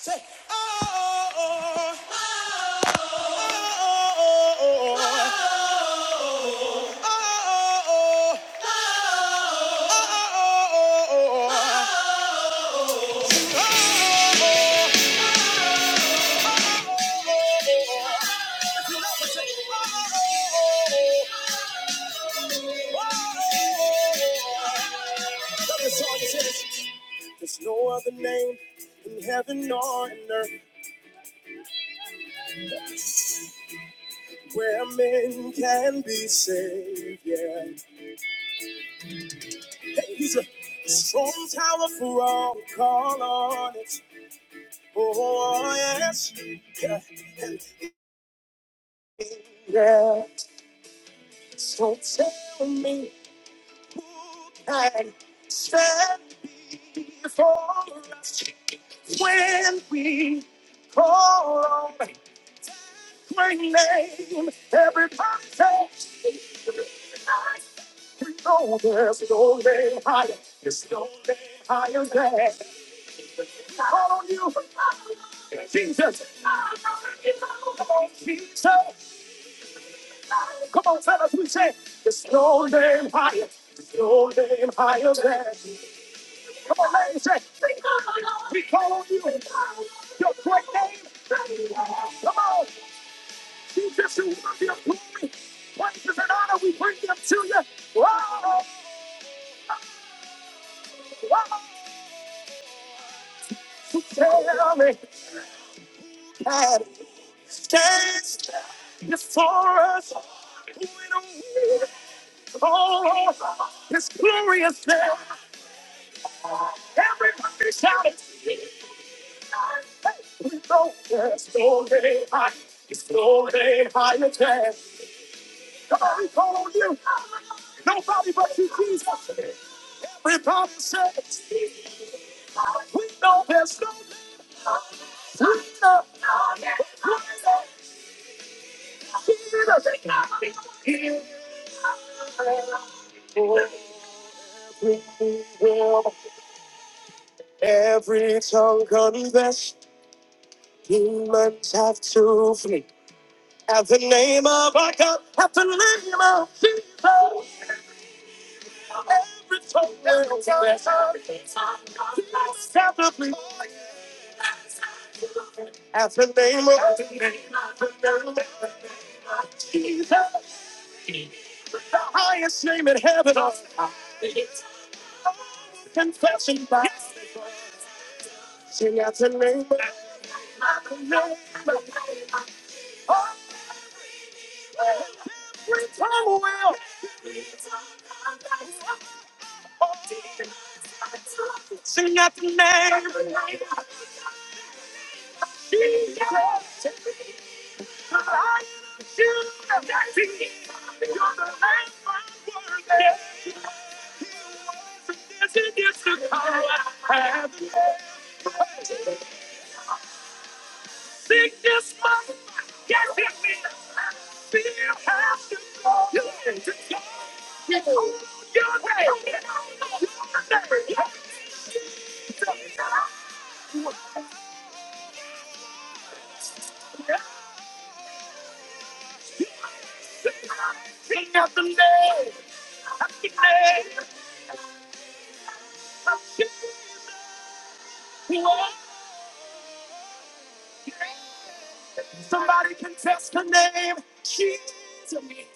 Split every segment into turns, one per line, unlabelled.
Say, oh, oh, oh, oh, oh, oh, oh, oh, oh, oh, oh. There's no other name in heaven or in earth where men can be saved. Yeah, hey, he's a strong tower for all who call on it. Oh yes, yeah. Yeah. So tell me, and before when we call on my name, everybody says, We know there's no name higher. There's no name higher than. Call on you, Jesus. Come on, Jesus. Come on, tell us. we say, there's no name higher. There's no name higher than. Come on, ladies, say, we call on you. Your great name. Come on, Jesus, you worthy of glory, praises and honor. We bring them to you. Oh, oh, so tell me, stands before us. Who in a world? Oh, His glorious name. Everybody shout it. Hey, we know there's no name high. It's no name higher than. Come on, we call on you. Nobody but you, Jesus. Everybody says, we know there's no leader. If I got have to leave you now, Jesus, every token, every time, At the name of the name of the name of the name of Jesus, the highest name in heaven on high. Confession by Sing out the name of the name of the name of every tongue will. Sing. Jesus. Sickness must get it. Fear has to go. You need to go. You're King of the day, happy day. Somebody can test her name. She's amazing.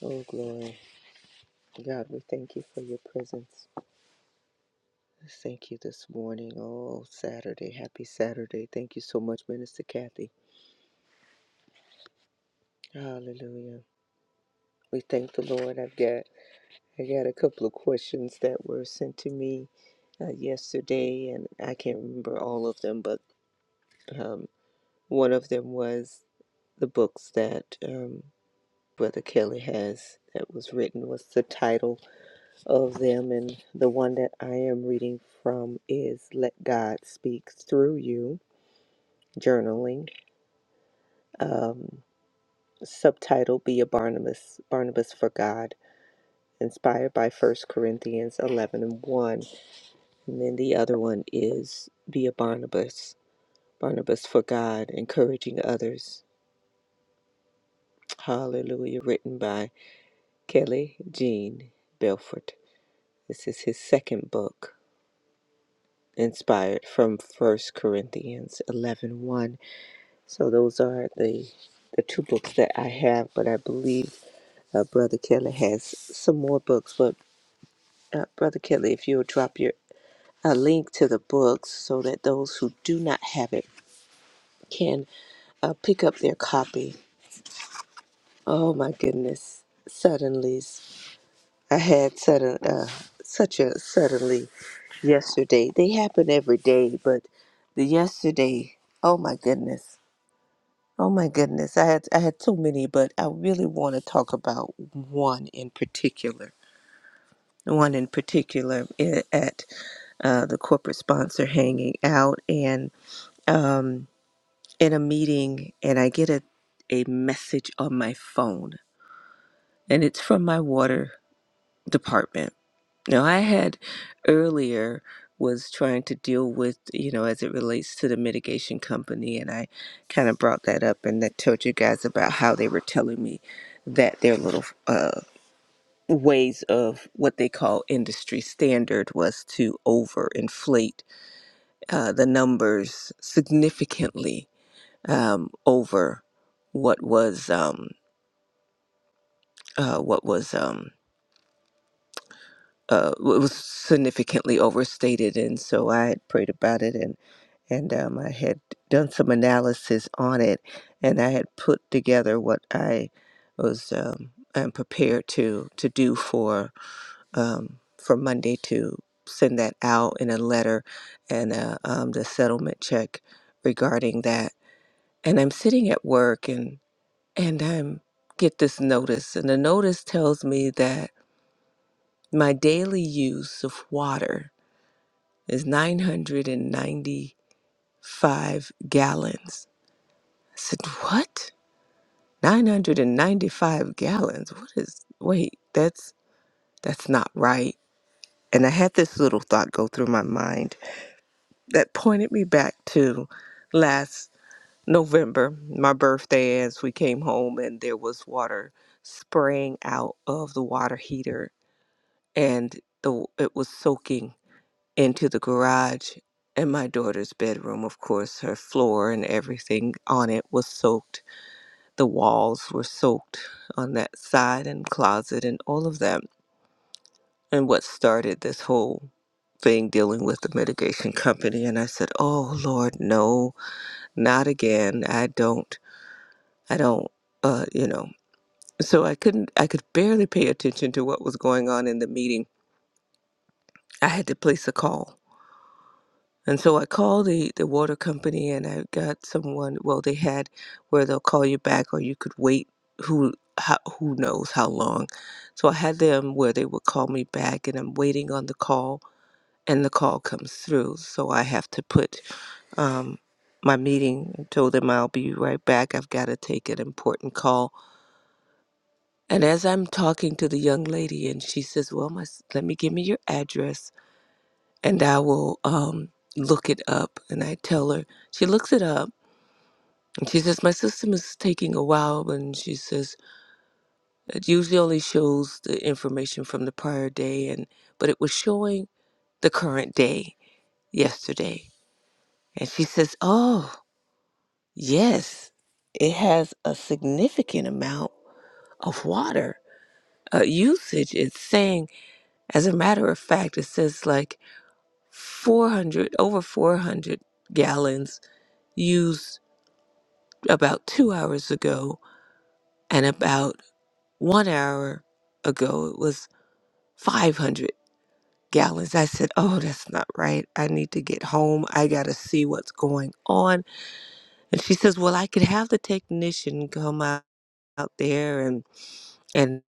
Oh, glory. God, we thank you for your presence. Thank you this morning. Oh, Saturday. Happy Saturday. Thank you so much, Minister Kathy. Hallelujah. We thank the Lord. I've got I got a couple of questions that were sent to me uh, yesterday, and I can't remember all of them, but um, one of them was the books that um, Brother Kelly has that was written. What's the title? of them. And the one that I am reading from is Let God Speak Through You Journaling. Um, subtitle Be a Barnabas, Barnabas for God, inspired by First Corinthians 11 and 1. And then the other one is Be a Barnabas, Barnabas for God, encouraging others. Hallelujah, written by Kelly Jean Belford. This is his second book, inspired from First Corinthians eleven one. So those are the the two books that I have, but I believe uh, Brother Kelly has some more books. But uh, Brother Kelly, if you'll drop your a link to the books so that those who do not have it can uh, pick up their copy. Oh my goodness! Suddenly, I had sudden uh, such a suddenly yesterday. They happen every day, but the yesterday. Oh my goodness! Oh my goodness, I had I had so many, but I really want to talk about one in particular. One in particular i- at uh, the corporate sponsor hanging out and um, in a meeting, and I get a a message on my phone, and it's from my water department Now, I had earlier was trying to deal with, you know, as it relates to the mitigation company, and I kind of brought that up and that told you guys about how they were telling me that their little uh, ways of what they call industry standard was to overinflate uh, the numbers significantly um, over what was um, uh, what was um, uh, what was significantly overstated, and so I had prayed about it and and um, I had done some analysis on it, and I had put together what I was um, am prepared to to do for um, for Monday to send that out in a letter and uh, um, the settlement check regarding that. And I'm sitting at work, and and I'm get this notice, and the notice tells me that my daily use of water is 995 gallons I said, "What? 995 gallons? What is Wait, that's that's not right." And I had this little thought go through my mind that pointed me back to last November, my birthday as we came home and there was water spraying out of the water heater and the it was soaking into the garage and my daughter's bedroom, of course, her floor and everything on it was soaked the walls were soaked on that side and closet and all of that. And what started this whole thing dealing with the mitigation company. And I said, Oh Lord, no, not again. I don't, I don't, uh, you know. So I couldn't, I could barely pay attention to what was going on in the meeting. I had to place a call And so I called the, the water company and I got someone, well, they had where they'll call you back or you could wait who how, who knows how long. So I had them where they would call me back and I'm waiting on the call and the call comes through. So I have to put um, my meeting and told them I'll be right back. I've got to take an important call. And as I'm talking to the young lady and she says, well, my, s- let me give me your address and I will um, look it up. And I tell her, she looks it up, and she says, My system is taking a while. And she says, It usually only shows the information from the prior day, and but it was showing the current day yesterday. And she says, Oh, yes, it has a significant amount of water uh, usage. It's saying, as a matter of fact, it says like 400, over 400 gallons used about two hours ago, and about one hour ago, it was 500 gallons. I said, Oh, that's not right. I need to get home. I got to see what's going on. And she says, Well, I could have the technician come out, out there and, and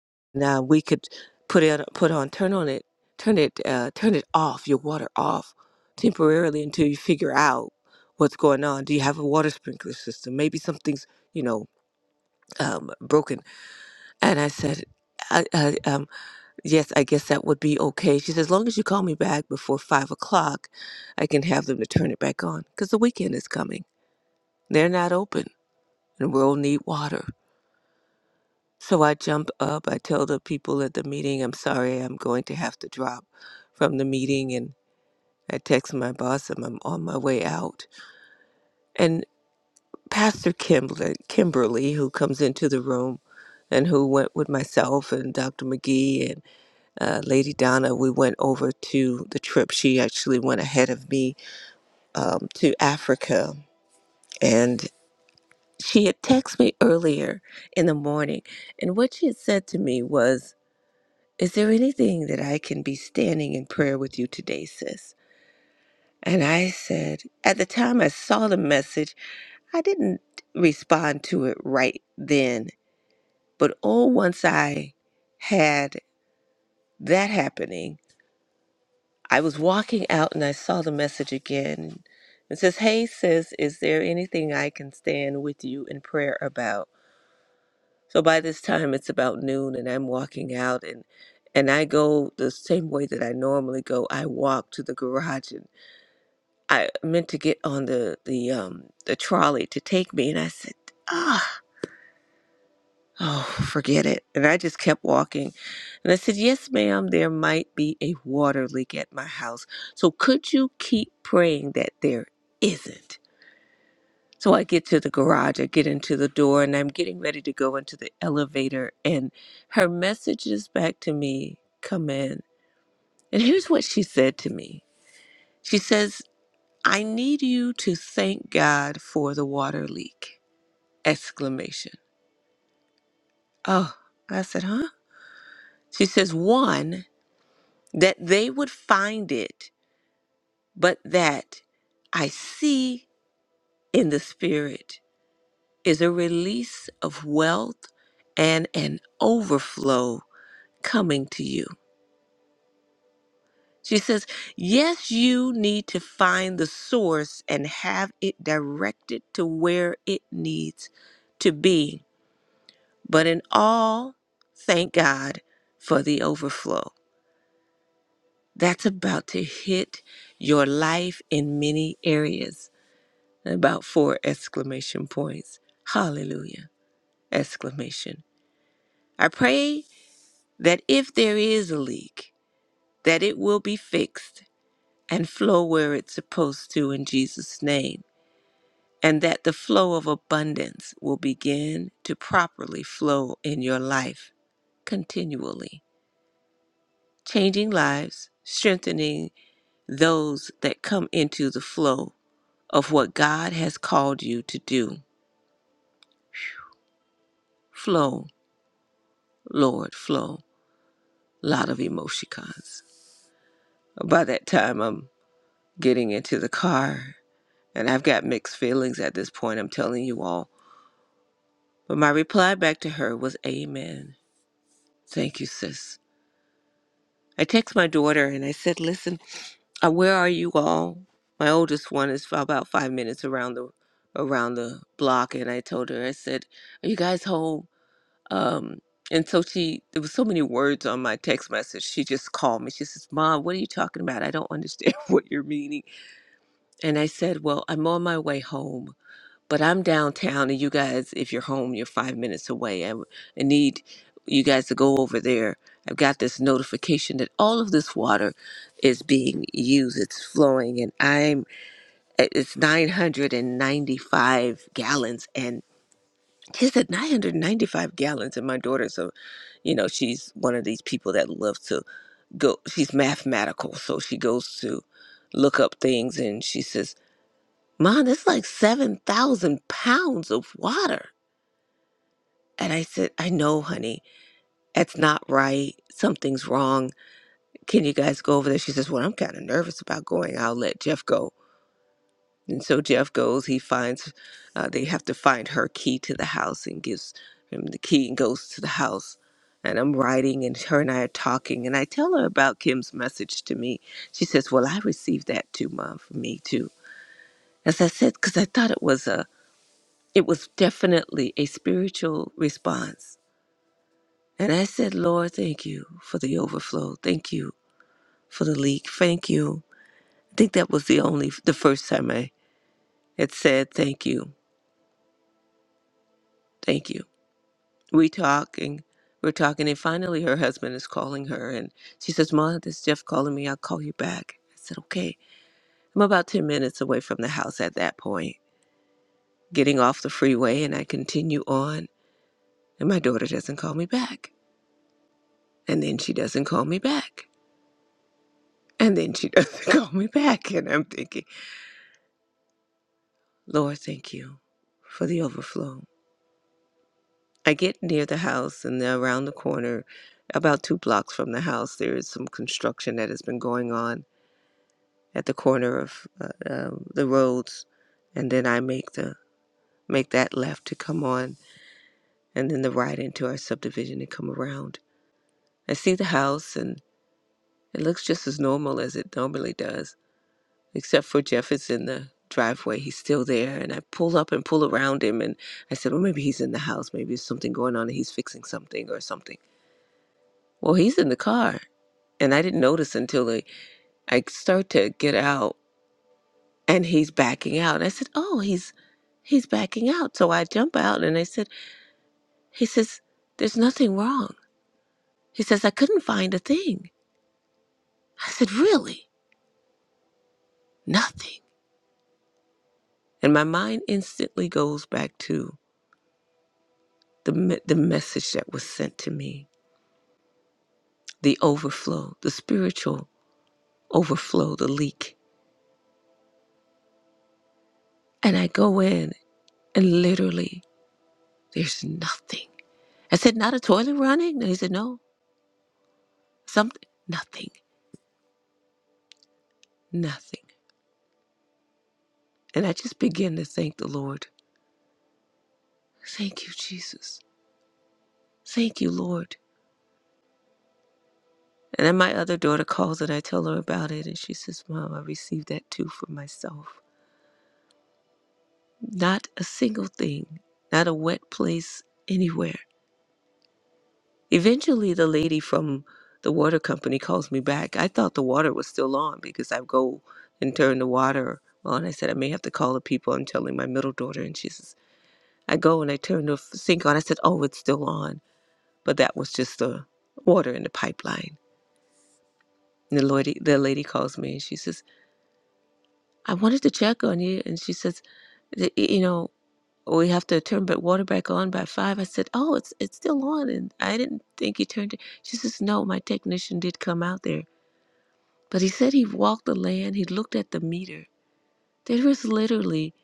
uh, we could put it, put on, turn on it, turn it, uh, turn it off, your water off temporarily until you figure out what's going on. Do you have a water sprinkler system? Maybe something's, you know, um, broken And I said, I, I, um, yes, I guess that would be okay. She says, as long as you call me back before five o'clock, I can have them to turn it back on because the weekend is coming. They're not open and we'll need water. So I jump up. I tell the people at the meeting, I'm sorry, I'm going to have to drop from the meeting. And I text my boss, I'm, I'm on my way out. And Pastor Kimberly, Kimberly, who comes into the room and who went with myself and Dr. McGee uh, Lady Donna, we went over to the trip. She actually went ahead of me um, to Africa. And she had texted me earlier in the morning. And what she had said to me was, Is there anything that I can be standing in prayer with you today, sis? And I said, At the time I saw the message, I didn't respond to it right then. But oh, once I had that happening, I was walking out and I saw the message again. It says, Hey, sis, is there anything I can stand with you in prayer about? So by this time, it's about noon and I'm walking out and and I go the same way that I normally go. I walk to the garage and I meant to get on the the um the trolley to take me and I said, "Ah." Oh, forget it. And I just kept walking. And I said, Yes, ma'am, there might be a water leak at my house. So could you keep praying that there isn't? So I get to the garage, I get into the door, and I'm getting ready to go into the elevator. And her messages back to me come in. And here's what she said to me She says, I need you to thank God for the water leak! Exclamation. Oh, I said, Huh? She says, One. that they would find it, but that I see in the Spirit is a release of wealth and an overflow coming to you. She says, Yes, you need to find the source and have it directed to where it needs to be. But in all, thank God for the overflow. That's about to hit your life in many areas. about four exclamation points. Hallelujah! Exclamation. I pray that if there is a leak, that it will be fixed and flow where it's supposed to in Jesus' name, and that the flow of abundance will begin to properly flow in your life continually, changing lives, strengthening those that come into the flow of what God has called you to do. Flow, Lord, flow. a lot of emoticons. By that time, I'm getting into the car, and I've got mixed feelings at this point, I'm telling you all. But my reply back to her was, Amen. Thank you, sis. I text my daughter and I said, Listen, uh, where are you all? My oldest one is about five minutes around the around the block, and I told her, I said, Are you guys home? Um, and so she, there was so many words on my text message. She just called me. She says, "Mom, what are you talking about? I don't understand what you're meaning." And I said, Well, I'm on my way home, but I'm downtown, and you guys, if you're home, you're five minutes away. I, I need you guys to go over there. I've got this notification that all of this water is being used. It's flowing, and I'm it's 995 gallons, and she said 995 gallons. And my daughter, so you know, she's one of these people that loves to go. She's mathematical, so she goes to look up things, and she says Mom, that's like 7,000 pounds of water. And I said, I know, honey. That's not right. Something's wrong. Can you guys go over there? She says, Well, I'm kind of nervous about going. I'll let Jeff go. And so Jeff goes. He finds, uh, they have to find her key to the house and gives him the key and goes to the house. And I'm writing, and her and I are talking. And I tell her about Kim's message to me. She says, Well, I received that too, Mom, For me too. As I said, because I thought it was a It was definitely a spiritual response. And I said, Lord, thank you for the overflow. Thank you for the leak. Thank you. I think that was the only, the first time I had said, thank you. Thank you. We talking, we're talking, and finally her husband is calling her. And she says, Ma, this Jeff calling me. I'll call you back. I said, okay. I'm about 10 minutes away from the house at that point, getting off the freeway, and I continue on. And my daughter doesn't call me back. And then she doesn't call me back. And then she doesn't call me back. And I'm thinking, Lord, thank you for the overflow. I get near the house and then around the corner, about two blocks from the house, there is some construction that has been going on at the corner of uh, um the roads. And then I make the make that left to come on and then the right into our subdivision and come around. I see the house and it looks just as normal as it normally does except for Jeff is in the driveway. He's still there. And I pull up and pull around him. And I said, well, maybe he's in the house. Maybe there's something going on and he's fixing something or something. Well, he's in the car. And I didn't notice until I, I start to get out and he's backing out. And I said, oh, he's, he's backing out. So I jump out and I said, he says, there's nothing wrong. He says, I couldn't find a thing. I said, really? Nothing. And my mind instantly goes back to the, me- the message that was sent to me the overflow, the spiritual overflow, the leak. And I go in and literally there's nothing. I said, not a toilet running? And he said, no, something, nothing, nothing. And I just begin to thank the Lord. Thank you, Jesus. Thank you, Lord. And then my other daughter calls and I tell her about it. And she says, Mom, I received that too for myself. Not a single thing, not a wet place anywhere Eventually, the lady from the water company calls me back. I thought the water was still on because I go and turn the water on. I said, I may have to call the people. I'm telling my middle daughter, and she says, I go and I turn the f- sink on. I said, Oh, it's still on. But that was just the water in the pipeline. And the lady, the lady calls me and she says, I wanted to check on you. And she says, "Y- You know, we have to turn the water back on by five. I said, Oh, it's it's still on. And I didn't think you turned it. She says, No, my technician did come out there But he said he walked the land, he looked at the meter. There was literally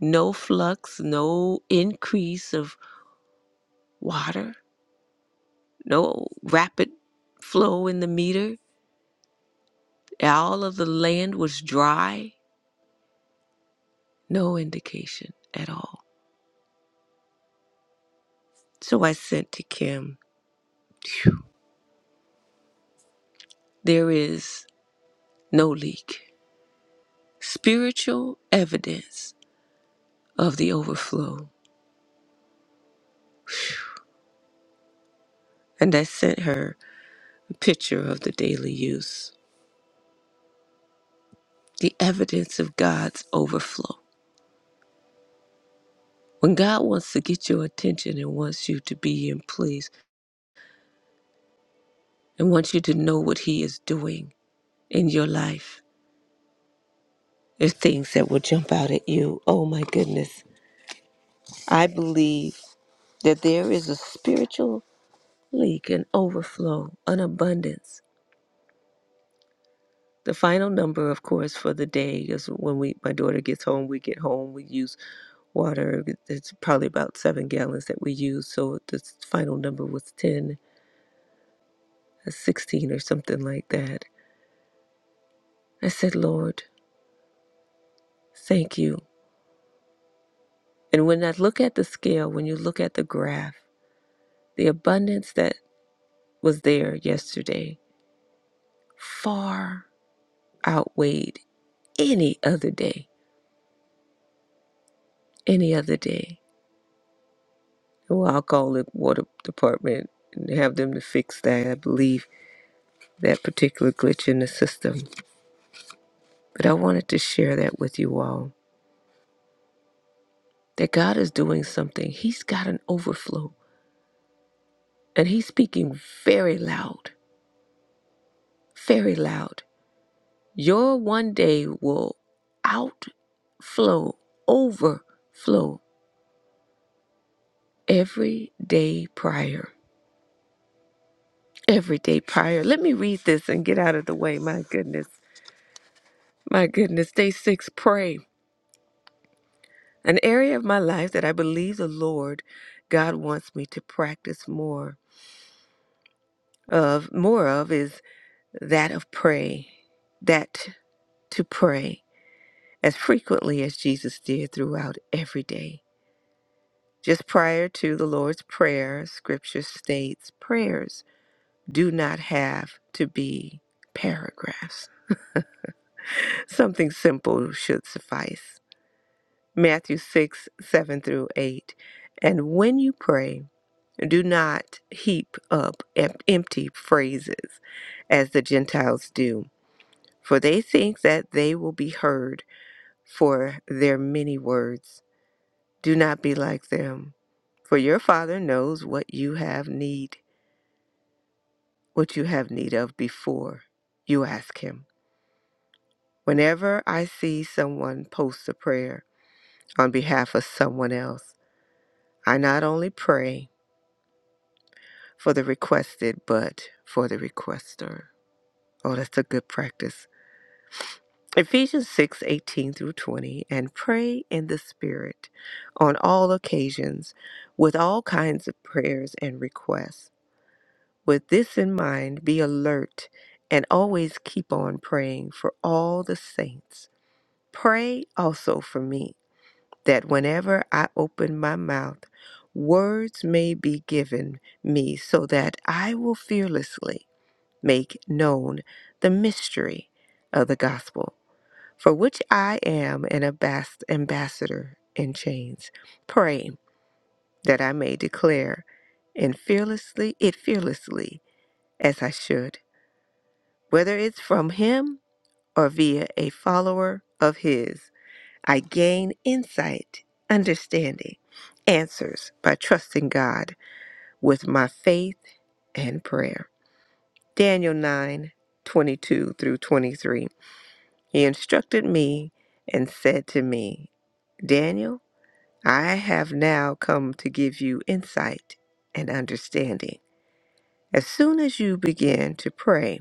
no flux, no increase of water, no rapid flow in the meter. All of the land was dry, no indication at all. So I sent to Kim, "Phew, there is no leak. Spiritual evidence of the overflow. And I sent her a picture of the daily use, the evidence of God's overflow. When God wants to get your attention and wants you to be in place and wants you to know what He is doing in your life, there's things that will jump out at you. Oh my goodness. I believe that there is a spiritual leak, an overflow, an abundance. The final number, of course, for the day is when we my daughter gets home, we get home, we use water. It's probably about seven gallons that we use. So the final number was 10, uh, 16 or something like that. I said, Lord, Thank you. And when I look at the scale, when you look at the graph, the abundance that was there yesterday far outweighed any other day. Any other day. Well, I'll call the water department and have them to fix that. I believe that particular glitch in the system. But I wanted to share that with you all that God is doing something. He's got an overflow and He's speaking very loud, very loud. Your one day will outflow, overflow every day prior. Every day prior. Let me read this and get out of the way. My goodness. My goodness. Day six, pray. An area of my life that I believe the Lord God wants me to practice more of, more of is that of pray. That to pray as frequently as Jesus did throughout every day. Just prior to the Lord's Prayer, scripture states prayers do not have to be paragraphs. Something simple should suffice. Matthew 6 7 through 8. And when you pray, do not heap up em- empty phrases as the Gentiles do, for they think that they will be heard for their many words. Do not be like them, for your Father knows what you have need what you have need of before you ask Him. Whenever I see someone post a prayer on behalf of someone else, I not only pray for the requested, but for the requester. Oh, that's a good practice. Ephesians 6:18 through 20, and pray in the Spirit on all occasions with all kinds of prayers and requests. With this in mind, be alert and always keep on praying for all the saints. Pray also for me that whenever I open my mouth, words may be given me so that I will fearlessly make known the mystery of the gospel, for which I am an ambas- ambassador in chains. Pray that I may declare and fearlessly it fearlessly as I should, whether it's from him or via a follower of his. I gain insight, understanding, answers by trusting God with my faith and prayer. Daniel 9 22 through 23. He instructed me and said to me, Daniel, I have now come to give you insight and understanding. As soon as you begin to pray,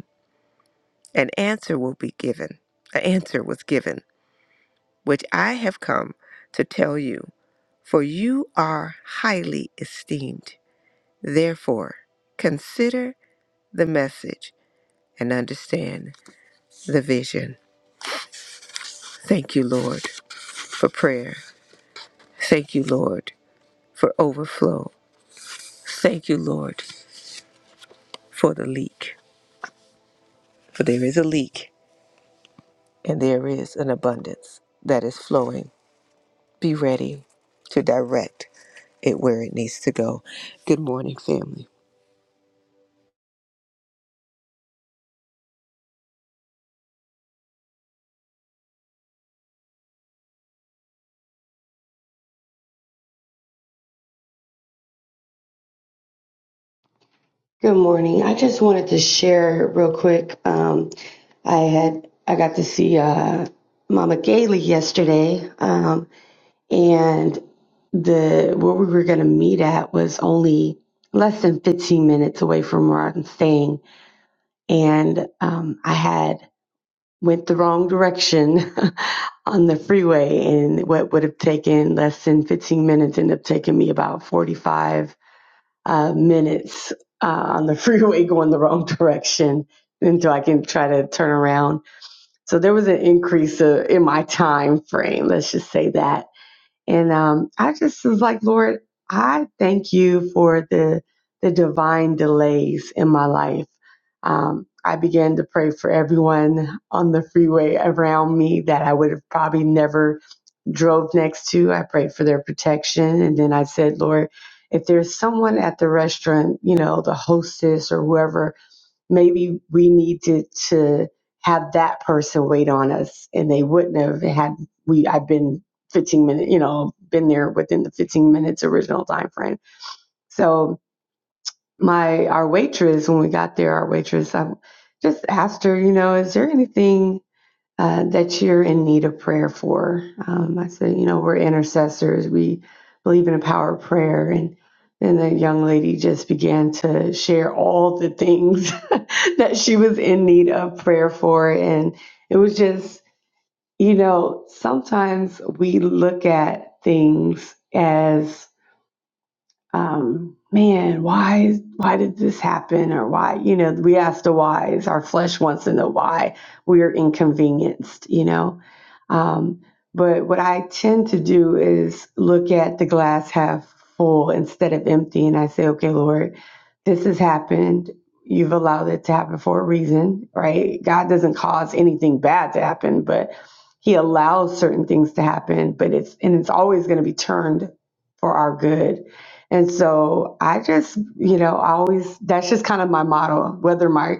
an answer will be given. An answer was given. which I have come to tell you, for you are highly esteemed. Therefore, consider the message and understand the vision. Thank you, Lord, for prayer. Thank you, Lord, for overflow. Thank you, Lord, for the leak. For there is a leak and there is an abundance that is flowing. Be ready to direct it where it needs to go. Good morning, family.
Good morning. I just wanted to share real quick. Um, I had I got to see uh, Mama Gailey yesterday, um, and the where we were going to meet at was only less than 15 minutes away from where I'm staying, and um, I had went the wrong direction on the freeway, and what would have taken less than 15 minutes ended up taking me about 45 uh, minutes uh, on the freeway going the wrong direction until I can try to turn around. So there was an increase uh, in my time frame. Let's just say that. And um, I just was like, Lord, I thank you for the the divine delays in my life. Um, I began to pray for everyone on the freeway around me that I would have probably never drove next to. I prayed for their protection. And then I said, Lord, if there's someone at the restaurant, you know, the hostess or whoever, maybe we needed to have that person wait on us. And they wouldn't have had we I've been 15 minutes, you know, been there within the 15 minutes original time frame. So my our waitress, when we got there, our waitress, I just asked her, you know, is there anything uh, that you're in need of prayer for. Um, I said, you know, we're intercessors. We believe in the power of prayer. And then the young lady just began to share all the things that she was in need of prayer for. And it was just, you know, sometimes we look at things as um, man, why why did this happen or why, you know, we ask the whys. Our flesh wants to know why we are inconvenienced, you know. Um, but what I tend to do is look at the glass half full instead of empty, and I say, okay, Lord, this has happened. You've allowed it to happen for a reason, right? God doesn't cause anything bad to happen, but He allows certain things to happen, but it's and it's always going to be turned for our good and so I just, you know, I always, that's just kind of my motto, whether my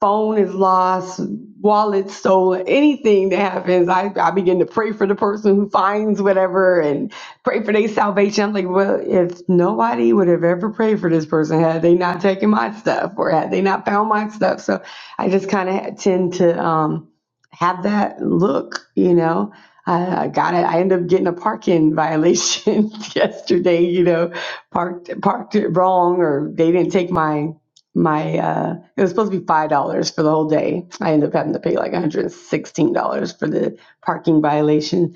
phone is lost, wallet stolen, anything that happens, I, I begin to pray for the person who finds whatever and pray for their salvation. I'm like, well, if nobody would have ever prayed for this person had they not taken my stuff or had they not found my stuff. So I just kind of tend to um, have that look, you know. I I got it. I ended up getting a parking violation yesterday. You know, parked parked it wrong, or they didn't take my my uh it was supposed to be five dollars for the whole day i ended up having to pay like $116 for the parking violation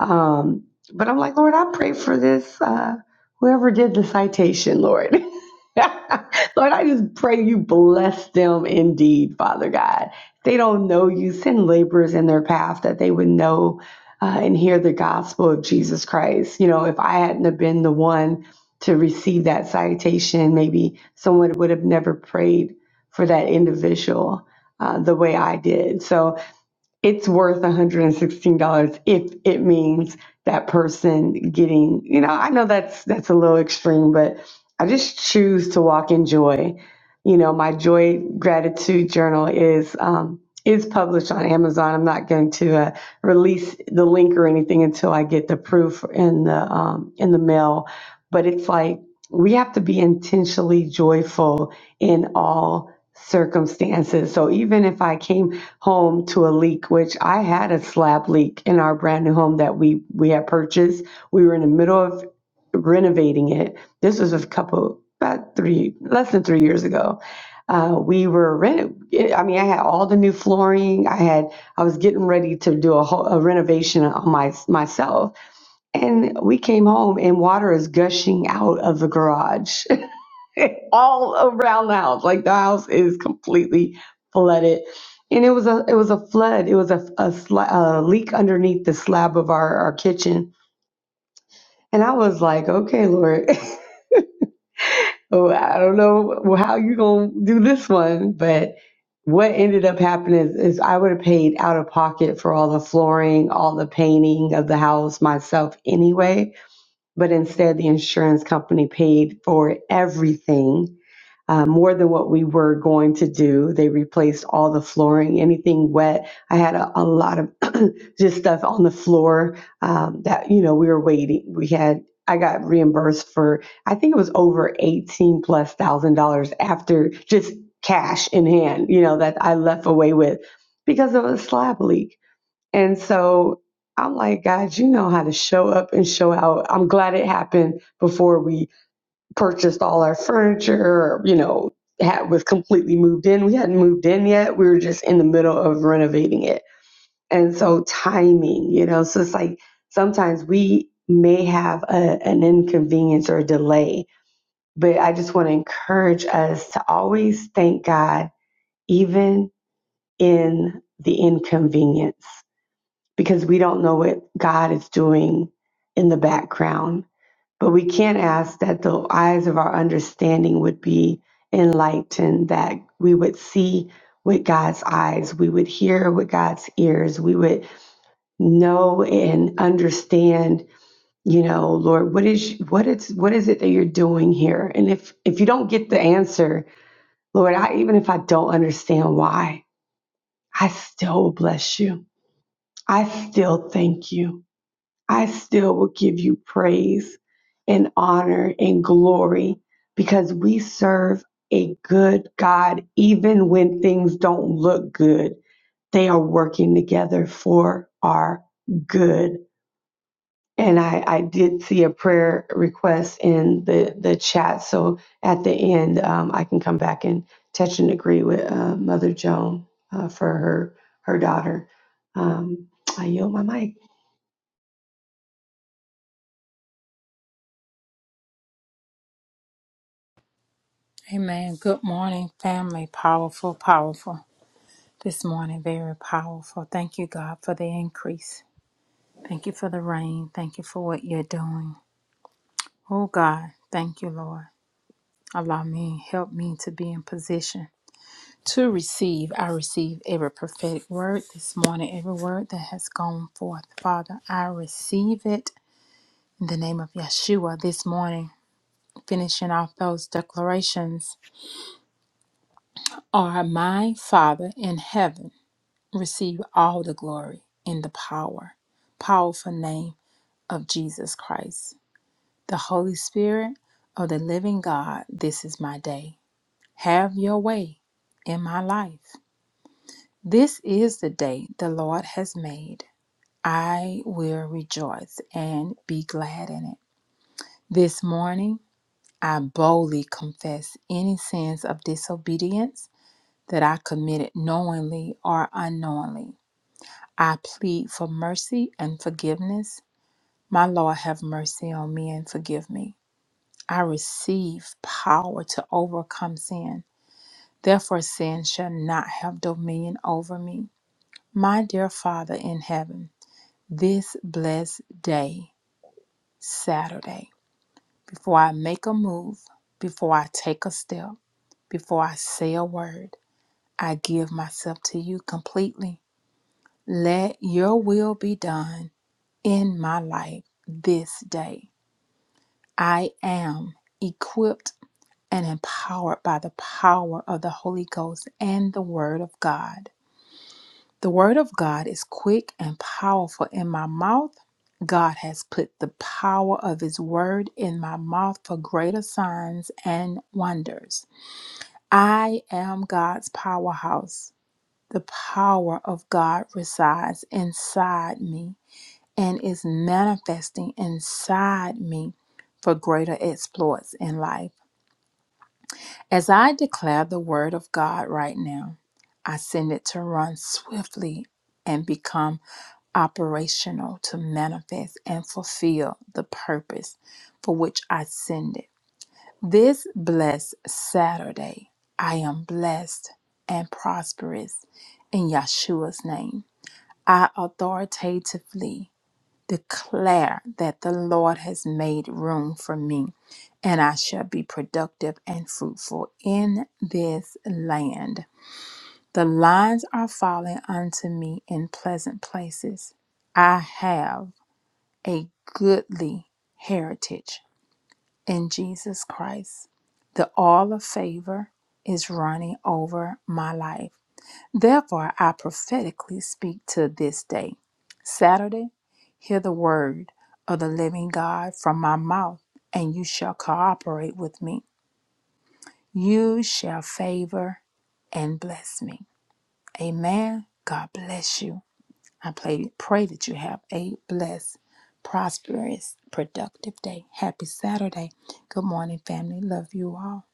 um but i'm like lord i pray for this uh whoever did the citation lord lord i just pray you bless them indeed father god if they don't know you send laborers in their path that they would know uh, and hear the gospel of jesus christ you know if i hadn't have been the one to receive that citation. Maybe someone would have never prayed for that individual uh, the way I did. So it's worth $116 if it means that person getting you know i know that's that's a little extreme but i just choose to walk in joy you know my joy gratitude journal is um is published on amazon i'm not going to uh, release the link or anything until i get the proof in the um in the mail but it's like we have to be intentionally joyful in all circumstances so even if i came home to a leak, which I had a slab leak in our brand new home that we we had purchased. We were in the middle of renovating it. This was a couple about three less than three years ago. Uh, we were reno. I mean, I had all the new flooring. I had. I was getting ready to do a, whole, a renovation on my myself, and we came home and water is gushing out of the garage. all around the house. Like the house is completely flooded, and it was a it was a flood. It was a a, sla- a leak underneath the slab of our our kitchen, and I was like, okay, Lord, oh, I don't know how you gonna do this one, but. What ended up happening is, is I would have paid out of pocket for all the flooring, all the painting of the house myself anyway. But instead, the insurance company paid for everything uh, more than what we were going to do. They replaced all the flooring, anything wet. I had a, a lot of just stuff on the floor um, that, you know, we were waiting. We had, I got reimbursed for, I think it was over 18 plus thousand dollars after just cash in hand, you know, that I left away with because of a slab leak. And so I'm like, God, you know how to show up and show out. I'm glad it happened before we purchased all our furniture, you know, had was completely moved in. We hadn't moved in yet. We were just in the middle of renovating it. And so timing, you know, so it's like sometimes we may have a, an inconvenience or a delay, but I just want to encourage us to always thank God, even in the inconvenience, because we don't know what God is doing in the background but we can not ask that the eyes of our understanding would be enlightened, that we would see with God's eyes, we would hear with God's ears, we would know and understand, you know, Lord, what is what it's what is it that you're doing here? And if if you don't get the answer, Lord, I even if I don't understand why, I still bless you. I still thank you. I still will give you praise and honor and glory because we serve a good God. Even when things don't look good, they are working together for our good. And I, I did see a prayer request in the, the chat. So at the end, um, I can come back and touch and agree with uh, Mother Joan uh, for her, her daughter. Um, I yield my mic.
Amen. Good morning, family. Powerful, powerful. This morning, very powerful. Thank you, God, for the increase. Thank you for the rain. Thank you for what you're doing. Oh, God, thank you, Lord. Allow me, help me to be in position to receive. I receive every prophetic word this morning, every word that has gone forth. Father, I receive it in the name of Yeshua this morning. Finishing off those declarations are my Father in heaven. receive all the glory in the power, powerful name of Jesus Christ. The Holy Spirit of the living God, this is my day. Have your way in my life. This is the day the Lord has made. I will rejoice and be glad in it. This morning, I boldly confess any sins of disobedience that I committed knowingly or unknowingly. I plead for mercy and forgiveness. My Lord, have mercy on me and forgive me. I receive power to overcome sin. Therefore, sin shall not have dominion over me. My dear Father in heaven, this blessed day, Saturday, before I make a move, before I take a step, before I say a word, I give myself to you completely. Let your will be done in my life this day. I am equipped and empowered by the power of the Holy Ghost and the Word of God. The Word of God is quick and powerful in my mouth. God has put the power of His Word in my mouth for greater signs and wonders. I am God's powerhouse. The power of God resides inside me and is manifesting inside me for greater exploits in life. As I declare the word of God right now, I send it to run swiftly and become operational to manifest and fulfill the purpose for which I send it. This blessed Saturday, I am blessed and prosperous in Yeshua's name. I authoritatively declare that the Lord has made room for me, and I shall be productive and fruitful in this land. The lines are falling unto me in pleasant places. I have a goodly heritage in Jesus Christ. The oil of favor is running over my life. Therefore, I prophetically speak to this day, Saturday, hear the word of the living God from my mouth, and you shall cooperate with me. You shall favor and bless me. Amen. God bless you. I pray, pray that you have a blessed, prosperous, productive day. Happy Saturday. Good morning, family. Love you all.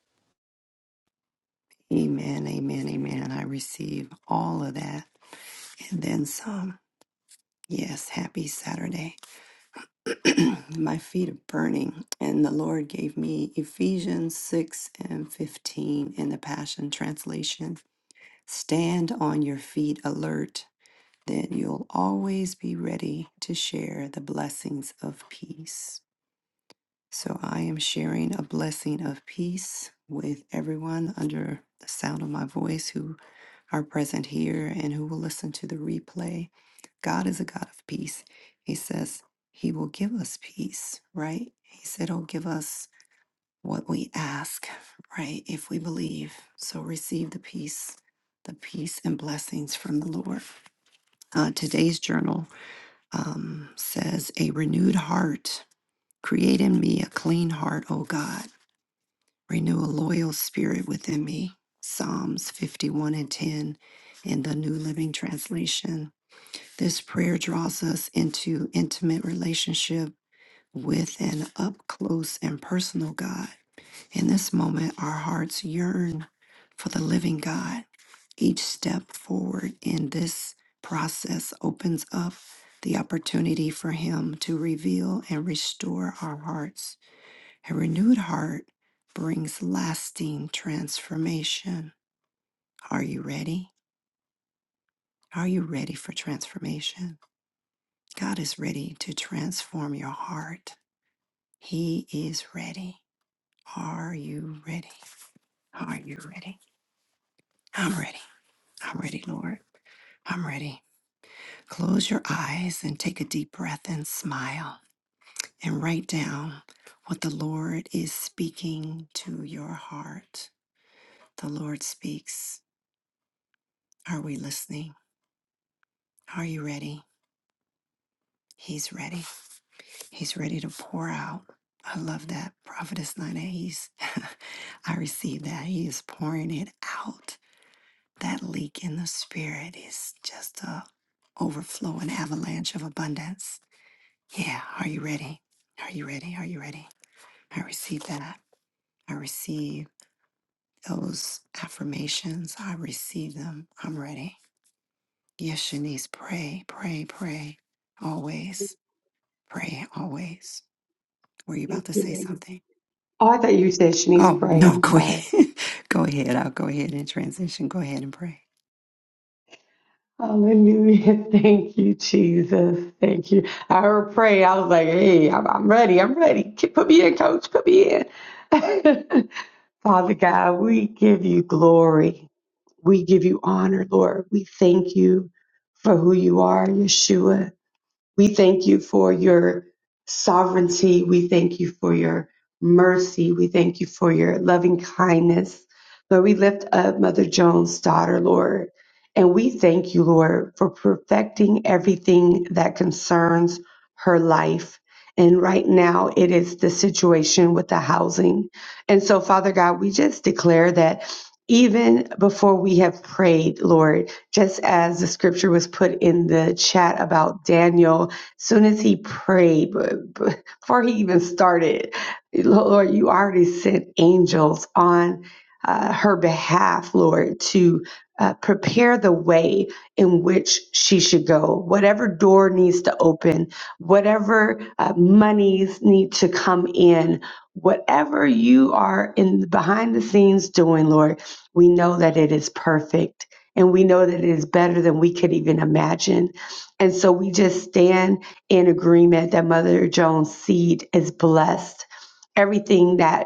Oh, I thought you said Shanice pray. I'm sorry. Hallelujah. Thank you, Jesus. Thank you. I heard pray. I was like, hey, I'm, I'm ready. I'm ready. K- Put me in, coach. Put me in. Father God, we give you glory. We give you honor, Lord. We thank you for who you are, Yeshua. We thank you for your sovereignty. We thank you for your mercy. We thank you for your loving kindness. Lord, we lift up Mother Jones' daughter, Lord, and we thank you, Lord, for perfecting everything that concerns her life. And right now, it is the situation with the housing. And so, Father God, we just declare that even before we have prayed, Lord, just as the scripture was put in the chat about Daniel, soon as he prayed, b- b- before he even started, Lord, you already sent angels on uh, her behalf, Lord, to uh, prepare the way in which she should go. Whatever door needs to open, whatever uh, monies need to come in, whatever you are in behind the scenes doing, Lord, we know that it is perfect and we know that it is better than we could even imagine. And so we just stand in agreement that Mother Jones' seed is blessed. Everything that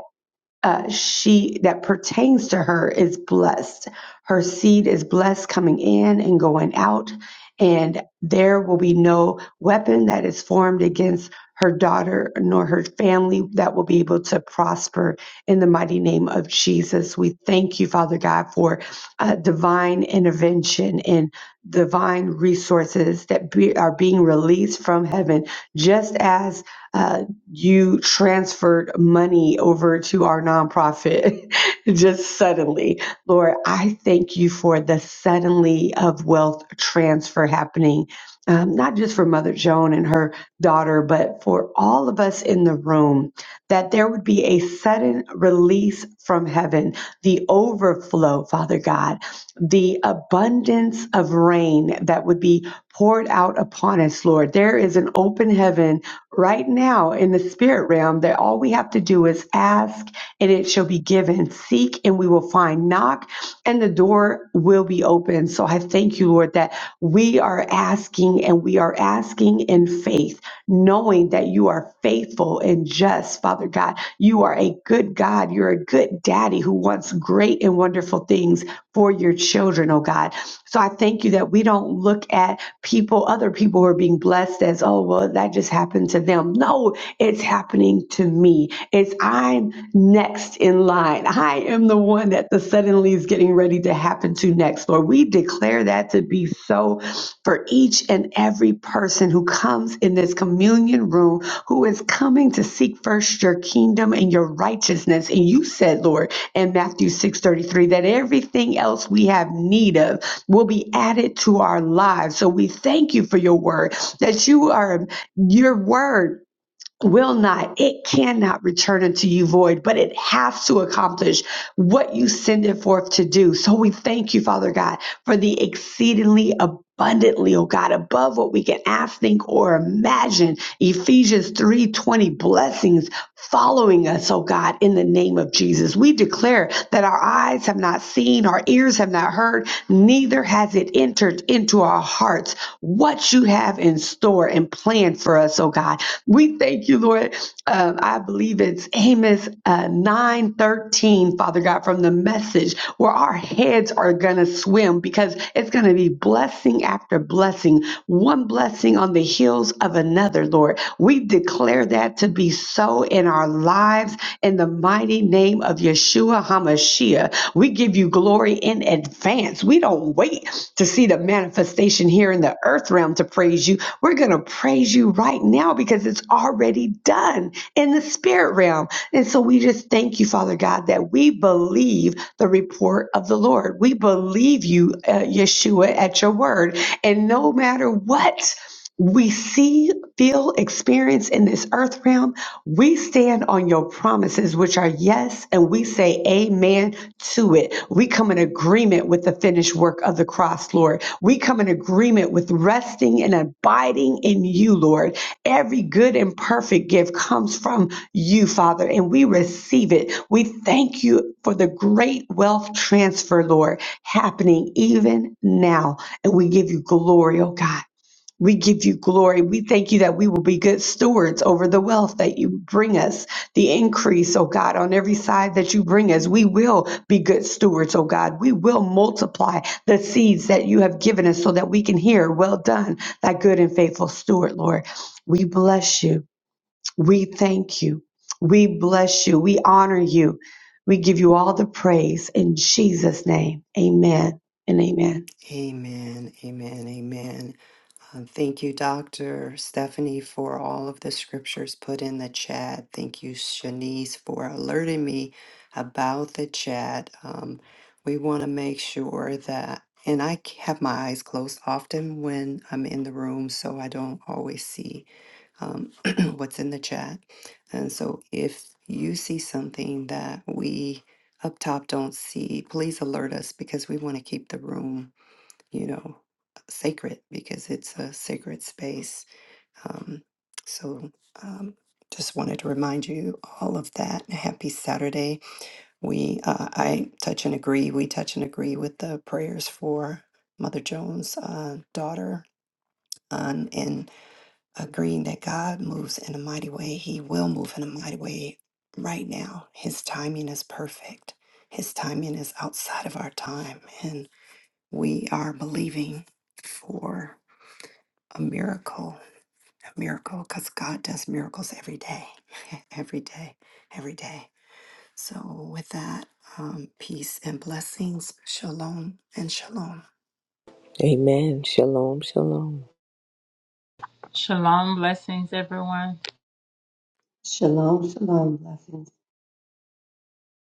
uh, she that pertains to her is blessed. Her seed is blessed coming in and going out, and there will be no weapon that is formed against her daughter nor her family that will be able to prosper in the mighty name of Jesus. We thank you, Father God, for uh, divine intervention and divine resources that be, are being released from heaven, just as. uh, you transferred money over to our nonprofit just suddenly. Lord, I thank you for the suddenly of wealth transfer happening, um, not just for Mother Joan and her daughter, but for all of us in the room, that there would be a sudden release from heaven, the overflow, Father God, the abundance of rain that would be poured out upon us, Lord. There is an open heaven right now in the spirit realm that all we have to do is ask and it shall be given, seek and we will find, knock and the door will be open. So I thank you, Lord, that we are asking and we are asking in faith, knowing that you are faithful and just, Father God. You are a good God. You're a good daddy who wants great and wonderful things for your children, oh God. So I thank you that we don't look at people, other people who are being blessed as, oh, well, that just happened to them. No, it's happening to me. It's I'm next in line. I am the one that the suddenly is getting ready to happen to next. Lord, we declare that to be so for each and every person who comes in this communion room, who is coming to seek first your kingdom and your righteousness. And you said, Lord, in Matthew 6:33, that everything else we have need of will be added to our lives. So we thank you for your word that you are your word will not it cannot return unto you void but it has to accomplish what you send it forth to do so we thank you father god for the exceedingly abundantly oh god above what we can ask think or imagine Ephesians 3:20 blessings following us, oh God, in the name of Jesus. We declare that our eyes have not seen, our ears have not heard, neither has it entered into our hearts what you have in store and planned for us, oh God. We thank you, Lord. Um, I believe it's Amos uh, 9:13. 13, Father God, from the message where our heads are going to swim because it's going to be blessing after blessing, one blessing on the heels of another, Lord. We declare that to be so in our lives in the mighty name of Yeshua HaMashiach. We give you glory in advance. We don't wait to see the manifestation here in the earth realm to praise you. We're going to praise you right now because it's already done in the spirit realm. And so we just thank you, Father God, that we believe the report of the Lord. We believe you, uh, Yeshua, at your word. And no matter what we see, feel, experience in this earth realm, we stand on your promises, which are yes, and we say amen to it. We come in agreement with the finished work of the cross, Lord. We come in agreement with resting and abiding in you, Lord. Every good and perfect gift comes from you, Father, and we receive it. We thank you for the great wealth transfer, Lord, happening even now. And we give you glory, oh God. We give you glory. We thank you that we will be good stewards over the wealth that you bring us, the increase, oh God, on every side that you bring us. We will be good stewards, oh God. We will multiply the seeds that you have given us so that we can hear, well done, thy good and faithful steward, Lord. We bless you. We thank you. We bless you. We honor you. We give you all the praise in Jesus' name. Amen and amen.
Amen. Shalom, shalom.
Shalom. Blessings, everyone.
Shalom, shalom. Blessings.